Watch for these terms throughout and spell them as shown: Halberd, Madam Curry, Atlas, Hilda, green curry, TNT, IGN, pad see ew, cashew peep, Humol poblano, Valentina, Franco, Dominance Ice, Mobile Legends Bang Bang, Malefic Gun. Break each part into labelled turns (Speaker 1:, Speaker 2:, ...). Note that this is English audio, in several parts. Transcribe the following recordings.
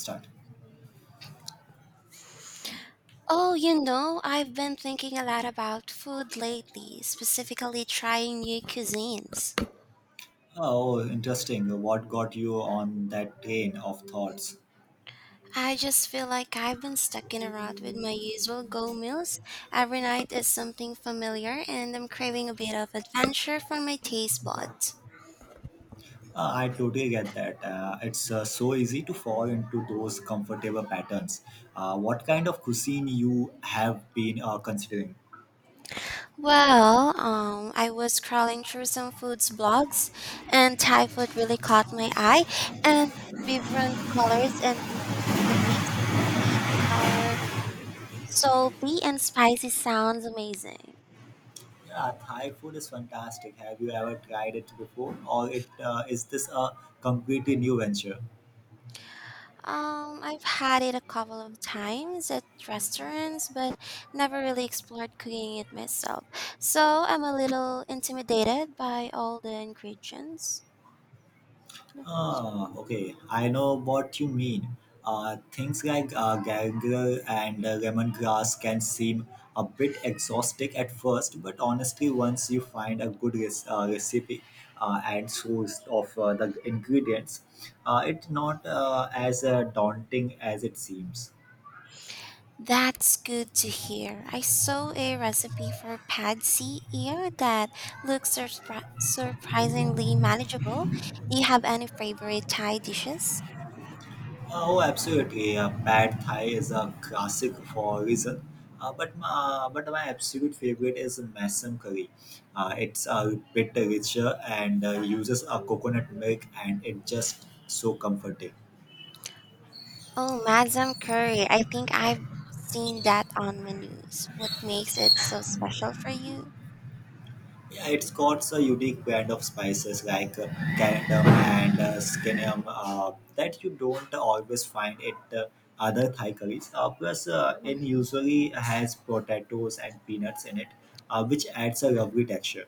Speaker 1: Start.
Speaker 2: I've been thinking a lot about food lately, specifically trying new cuisines.
Speaker 1: Oh, Interesting. What got you on that train of thoughts?
Speaker 2: I just feel like I've been stuck in a rut with my usual go meals. Every night is something familiar, and I'm craving a bit of adventure for my taste buds.
Speaker 1: I totally get that. It's so easy to fall into those comfortable patterns. What kind of cuisine you have been considering?
Speaker 2: I was scrolling through some foods blogs, and Thai food really caught my eye, and vibrant colors and the mix of sweet, sour, salty and spicy sounds amazing.
Speaker 1: Yeah, Thai food is fantastic. Have you ever tried it before, or it is this a completely new venture?
Speaker 2: I've had it a couple of times at restaurants, but never really explored cooking it myself. So I'm a little intimidated by all the ingredients.
Speaker 1: Ah, okay, I know what you mean. Things like gargle and lemongrass can seem a bit exhausting at first, but honestly, once you find a good recipe and source of the ingredients, it's not as daunting as it seems.
Speaker 2: That's good to hear. I saw a recipe for pad see ear that looks surprisingly manageable. Do you have any favorite Thai dishes?
Speaker 1: Oh, absolutely. Pad Thai is a classic for a reason. Uh, but my, but my absolute favorite is masam curry. It's a bit richer and uses a coconut milk, and it's just so comforting.
Speaker 2: Oh, Madam Curry, I think I've seen that on menus. What makes it so special for you?
Speaker 1: Yeah, it's got a unique brand of spices like coriander and scallion that you don't always find at other Thai curries. Plus, it
Speaker 2: hmm
Speaker 1: usually has potatoes and peanuts in it, which adds a lovely texture.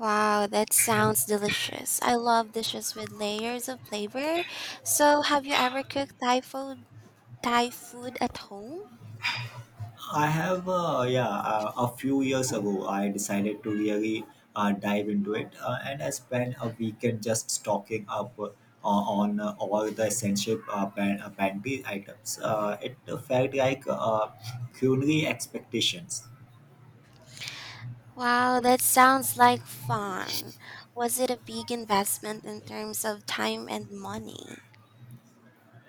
Speaker 2: Wow, that sounds delicious. I love dishes with layers of flavor. So, have you ever cooked Thai food at home?
Speaker 1: I have, yeah, a few years ago, I decided to really dive into it, and I spent a weekend just stocking up on all the essential pantry items. It felt like culinary expectations.
Speaker 2: Wow, that sounds like fun. Was it a big investment in terms of time and money?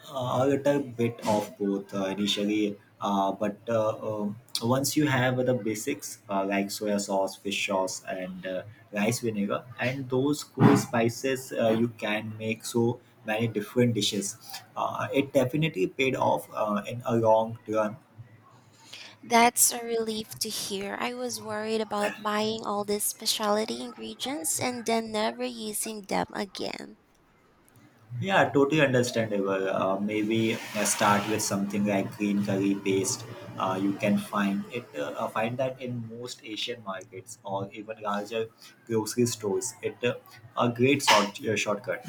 Speaker 1: A little bit of both initially, but once you have the basics like soya sauce, fish sauce, and rice vinegar, and those cool spices, you can make so many different dishes. It definitely paid off in a long run.
Speaker 2: That's a relief to hear. I was worried about buying all these specialty ingredients and then never using them again.
Speaker 1: Yeah, totally understandable. Maybe start with something like green curry paste. You can find that in most Asian markets or even larger grocery stores. It a great shortcut.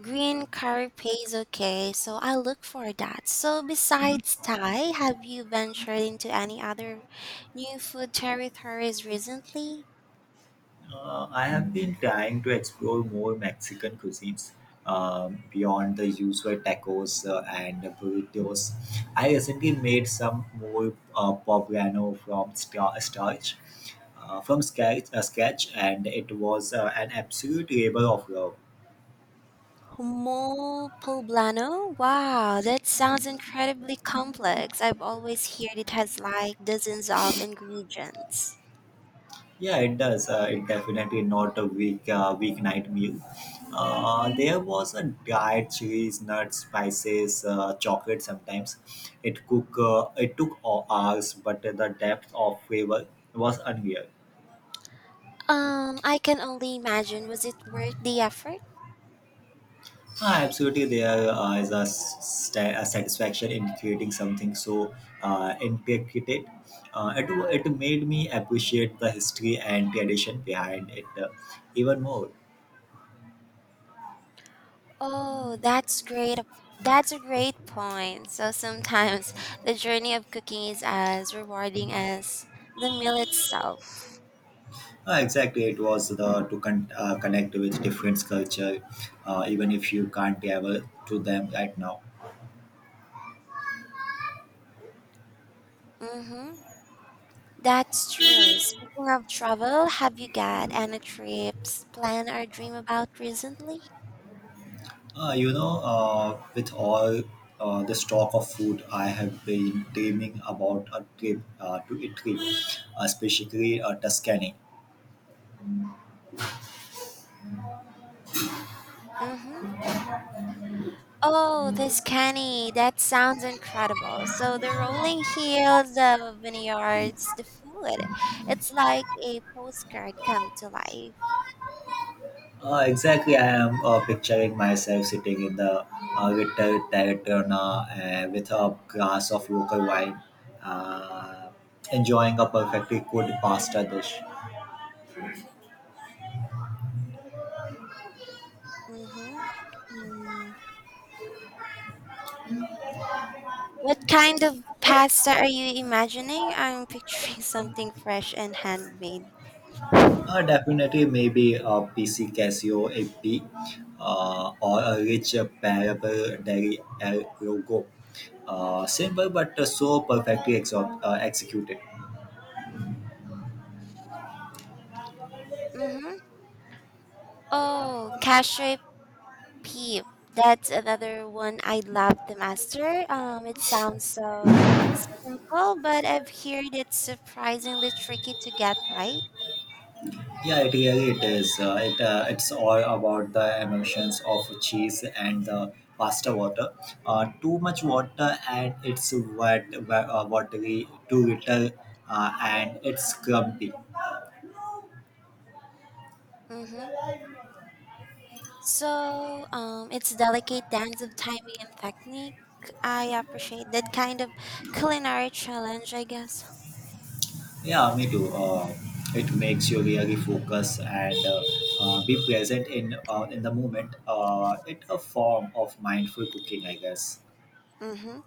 Speaker 2: Green curry pays okay, so I look for that. So besides Thai, have you ventured into any other new food territories recently?
Speaker 1: I have been trying to explore more Mexican cuisines beyond the usual tacos and burritos. I recently made some more poblano from scratch, and it was an absolute labor of love.
Speaker 2: Humol poblano? Wow, that sounds incredibly complex. I've always heard it has like dozens of ingredients.
Speaker 1: Yeah, it does. It definitely not a weeknight meal. There was a diet, cheese, nuts, spices, chocolate. Sometimes it cook. It took hours, but the depth of flavor was unreal.
Speaker 2: I can only imagine. Was it worth the effort?
Speaker 1: Ah, absolutely, there is a satisfaction in creating something so intricate. It it made me appreciate the history and tradition behind it even more.
Speaker 2: Oh, that's great. That's a great point. So sometimes the journey of cooking is as rewarding as the meal itself.
Speaker 1: Exactly, it was the to connect with different culture, even if you can't travel to them right now.
Speaker 2: Mm-hmm. That's true. Speaking of travel, have you got any trips plan or dream about recently?
Speaker 1: You know, with all the stock of food, I have been dreaming about a trip to Italy, specifically Tuscany.
Speaker 2: Mm-hmm. Oh, this canny. That sounds incredible. So the rolling hills, the vineyards, the food. It's like a postcard come to life.
Speaker 1: Exactly, I am picturing myself sitting in the little taverna with a glass of local wine, uh, enjoying a perfectly good pasta dish.
Speaker 2: Mm-hmm. mm. What kind of pasta are you imagining? I'm picturing something fresh and handmade.
Speaker 1: Definitely, maybe a PC Casio AP or a rich parable dairy El logo. Simple but so perfectly executed.
Speaker 2: Mm-hmm. Oh, cashew peep. That's another one I love to master. It sounds so simple, but I've heard it's surprisingly tricky to get right.
Speaker 1: Yeah, it really it is. It's all about the emulsions of cheese and the pasta water. Too much water and it's watery. Too little and it's grumpy.
Speaker 2: Mm-hmm. It's a delicate dance of timing and technique. I appreciate that kind of culinary challenge, I guess.
Speaker 1: Yeah, me too. It makes you really focus and be present in the moment. It's a form of mindful cooking, I guess.
Speaker 2: Mm-hmm.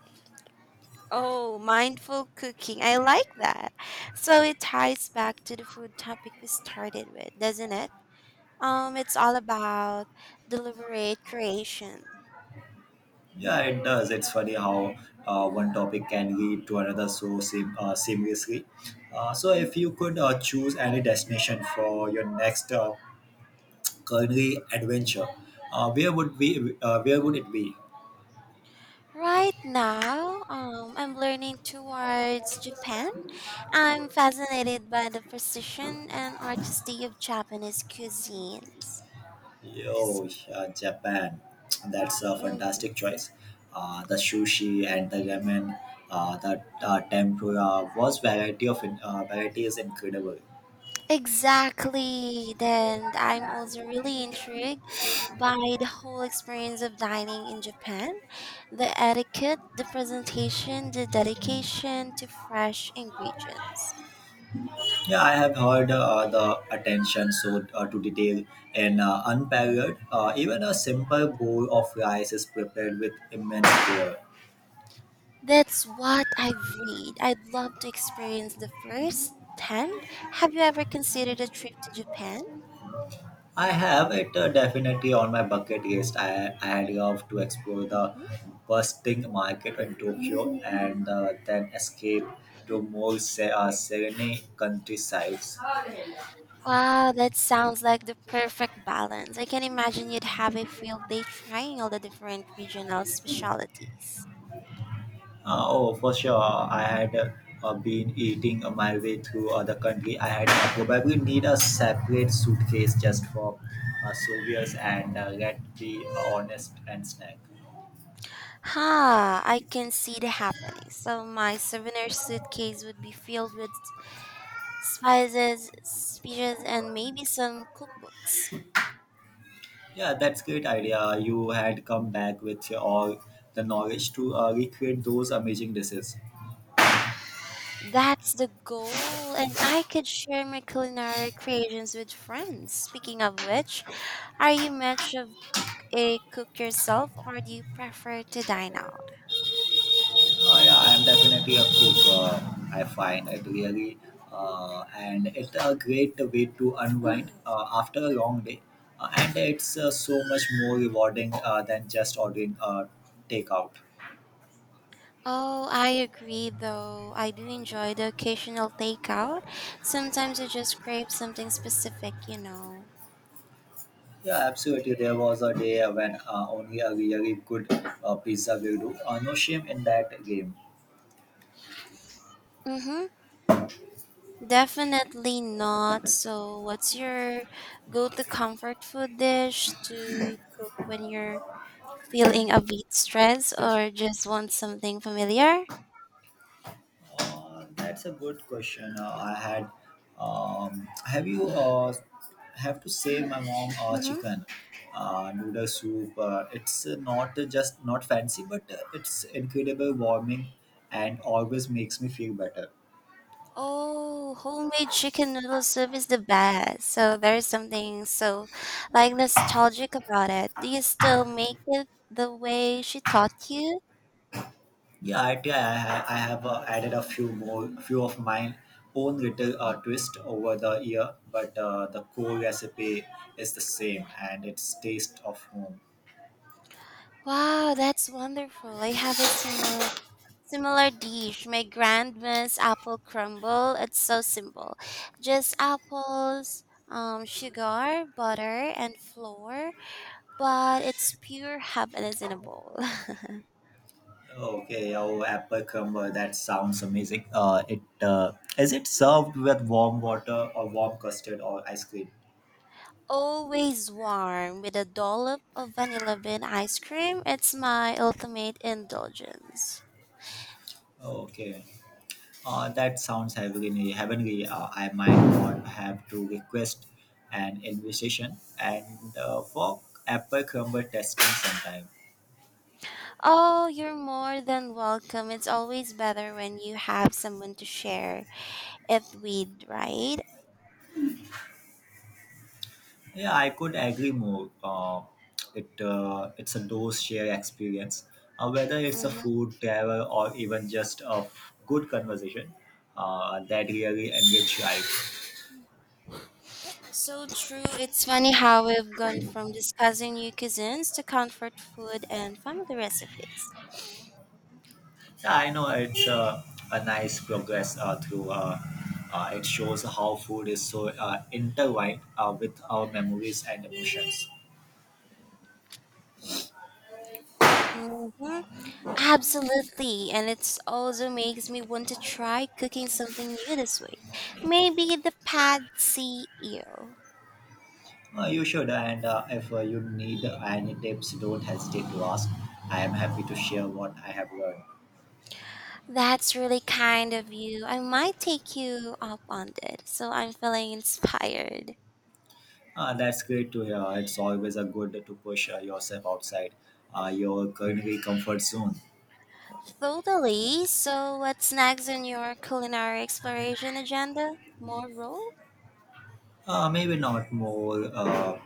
Speaker 2: Oh, mindful cooking. I like that. So it ties back to the food topic we started with, doesn't it? It's all about deliberate creation.
Speaker 1: Yeah, it does. It's funny how one topic can lead to another so seamlessly. So, if you could choose any destination for your next culinary adventure, where would we? Where would it be?
Speaker 2: Right now, I'm learning towards Japan. I'm fascinated by the precision and artistry of Japanese cuisines.
Speaker 1: Oh, Japan. That's a fantastic choice. The sushi and the ramen, the tempura was variety of in- variety is incredible.
Speaker 2: Exactly. Then I'm also really intrigued by the whole experience of dining in Japan, the etiquette, the presentation, the dedication to fresh ingredients.
Speaker 1: Yeah, I have heard the attention so to detail and unparalleled. Even a simple bowl of rice is prepared with immense care.
Speaker 2: That's what I've read. I'd love to experience the first hand. Have you ever considered a trip to Japan?
Speaker 1: I have it definitely on my bucket list. I had loved to explore the
Speaker 2: hmm
Speaker 1: bustling market in Tokyo and then escape to more serene countrysides.
Speaker 2: Wow, that sounds like the perfect balance. I can imagine you'd have a field day trying all the different regional specialties.
Speaker 1: Oh, for sure. I had been eating my way through other country. I probably need a separate suitcase just for souvenirs and let be honest and snack.
Speaker 2: Ha, I can see the happening. So my souvenir suitcase would be filled with spices, speeches, and maybe some cookbooks.
Speaker 1: Yeah, that's great idea. You had come back with your, all the knowledge to recreate those amazing dishes.
Speaker 2: That's the goal, and I could share my culinary creations with friends. Speaking of which, are you much of a cook yourself, or do you prefer to dine out?
Speaker 1: Yeah, I am definitely a cook. I find it really, and it's a great way to unwind after a long day, and it's so much more rewarding than just ordering takeout.
Speaker 2: Oh, I agree, though. I do enjoy the occasional takeout. Sometimes you just crave something specific,
Speaker 1: Yeah, absolutely. There was a day when only a really good pizza will do. No shame in that game.
Speaker 2: Mm-hmm. Definitely not. So, what's your go-to comfort food dish to cook when you're feeling a bit stressed or just want something familiar?
Speaker 1: That's a good question. I had. Have you have to say my mom
Speaker 2: Mm-hmm.
Speaker 1: chicken noodle soup? It's not just not fancy, but it's incredible warming and always makes me feel better.
Speaker 2: Oh, homemade chicken noodle soup is the best. So, there's something so like nostalgic about it. Do you still make it the way she taught you?
Speaker 1: Yeah, I have added a few of my own little twist over the year, but the core recipe is the same, and it's taste of home.
Speaker 2: Wow, that's wonderful. I have a similar dish, my grandma's apple crumble. It's so simple. Just apples, sugar, butter, and flour, but it's pure happiness in a bowl.
Speaker 1: Okay, oh, apple crumble. That sounds amazing. It is it served with warm water or warm custard or ice cream?
Speaker 2: Always warm with a dollop of vanilla bean ice cream. It's my ultimate indulgence.
Speaker 1: Okay, that sounds heavenly. I might not have to request an invitation and for apple crumble testing sometime.
Speaker 2: Oh, you're more than welcome. It's always better when you have someone to share it with, right?
Speaker 1: Yeah, I could agree more. It's a those share experience, whether it's a
Speaker 2: Mm-hmm.
Speaker 1: food, travel, or even just a good conversation that really enrich life.
Speaker 2: So true. It's funny how we've gone from discussing new cuisines to comfort food and family recipes.
Speaker 1: Yeah, I know it's a nice progress through. It shows how food is so intertwined with our memories and emotions.
Speaker 2: hmm Absolutely. And it also makes me want to try cooking something new this week. Maybe the pad see ew.
Speaker 1: You should, and if you need any tips, don't hesitate to ask. I am happy to share what I have learned.
Speaker 2: That's really kind of you. I might take you up on it. So I'm feeling inspired.
Speaker 1: That's great to hear. It's always a good to push yourself outside your currently comfort zone.
Speaker 2: Totally. So what's next on your culinary exploration agenda? More roll?
Speaker 1: Maybe not more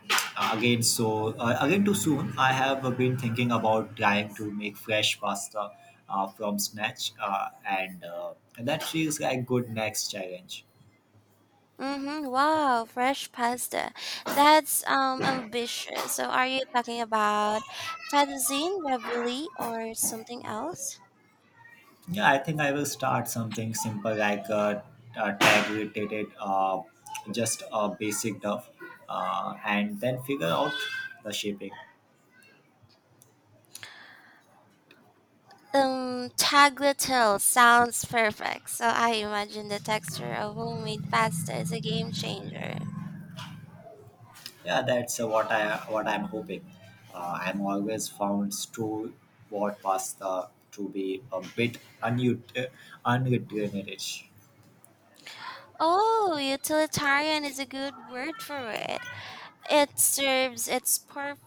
Speaker 1: again. So again, too soon. I have been thinking about trying to make fresh pasta from scratch, and that feels like good next challenge.
Speaker 2: Mm-hmm. Wow, fresh pasta. That's ambitious. So are you talking about fettuccine ravioli or something else?
Speaker 1: Yeah, I think I will start something simple like tag related, just a basic duff, and then figure out the shaping.
Speaker 2: Tagliatelle sounds perfect. So I imagine the texture of homemade pasta is a game changer.
Speaker 1: Yeah, that's what I'm hoping. I'm always found stew what pasta to be a bit unutilitarist.
Speaker 2: Oh, utilitarian is a good word for it. It serves its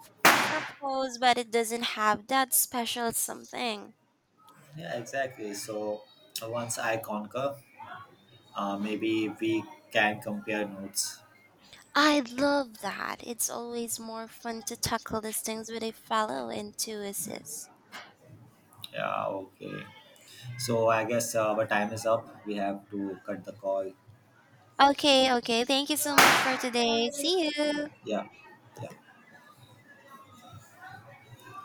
Speaker 2: purpose, but it doesn't have that special something.
Speaker 1: Yeah, exactly. So once I conquer, maybe we can compare notes.
Speaker 2: I love that. It's always more fun to tackle these things with a fellow enthusiast.
Speaker 1: Yeah, okay. So I guess our time is up. We have to cut the call.
Speaker 2: Okay. Thank you so much for today. See you.
Speaker 1: Yeah, yeah.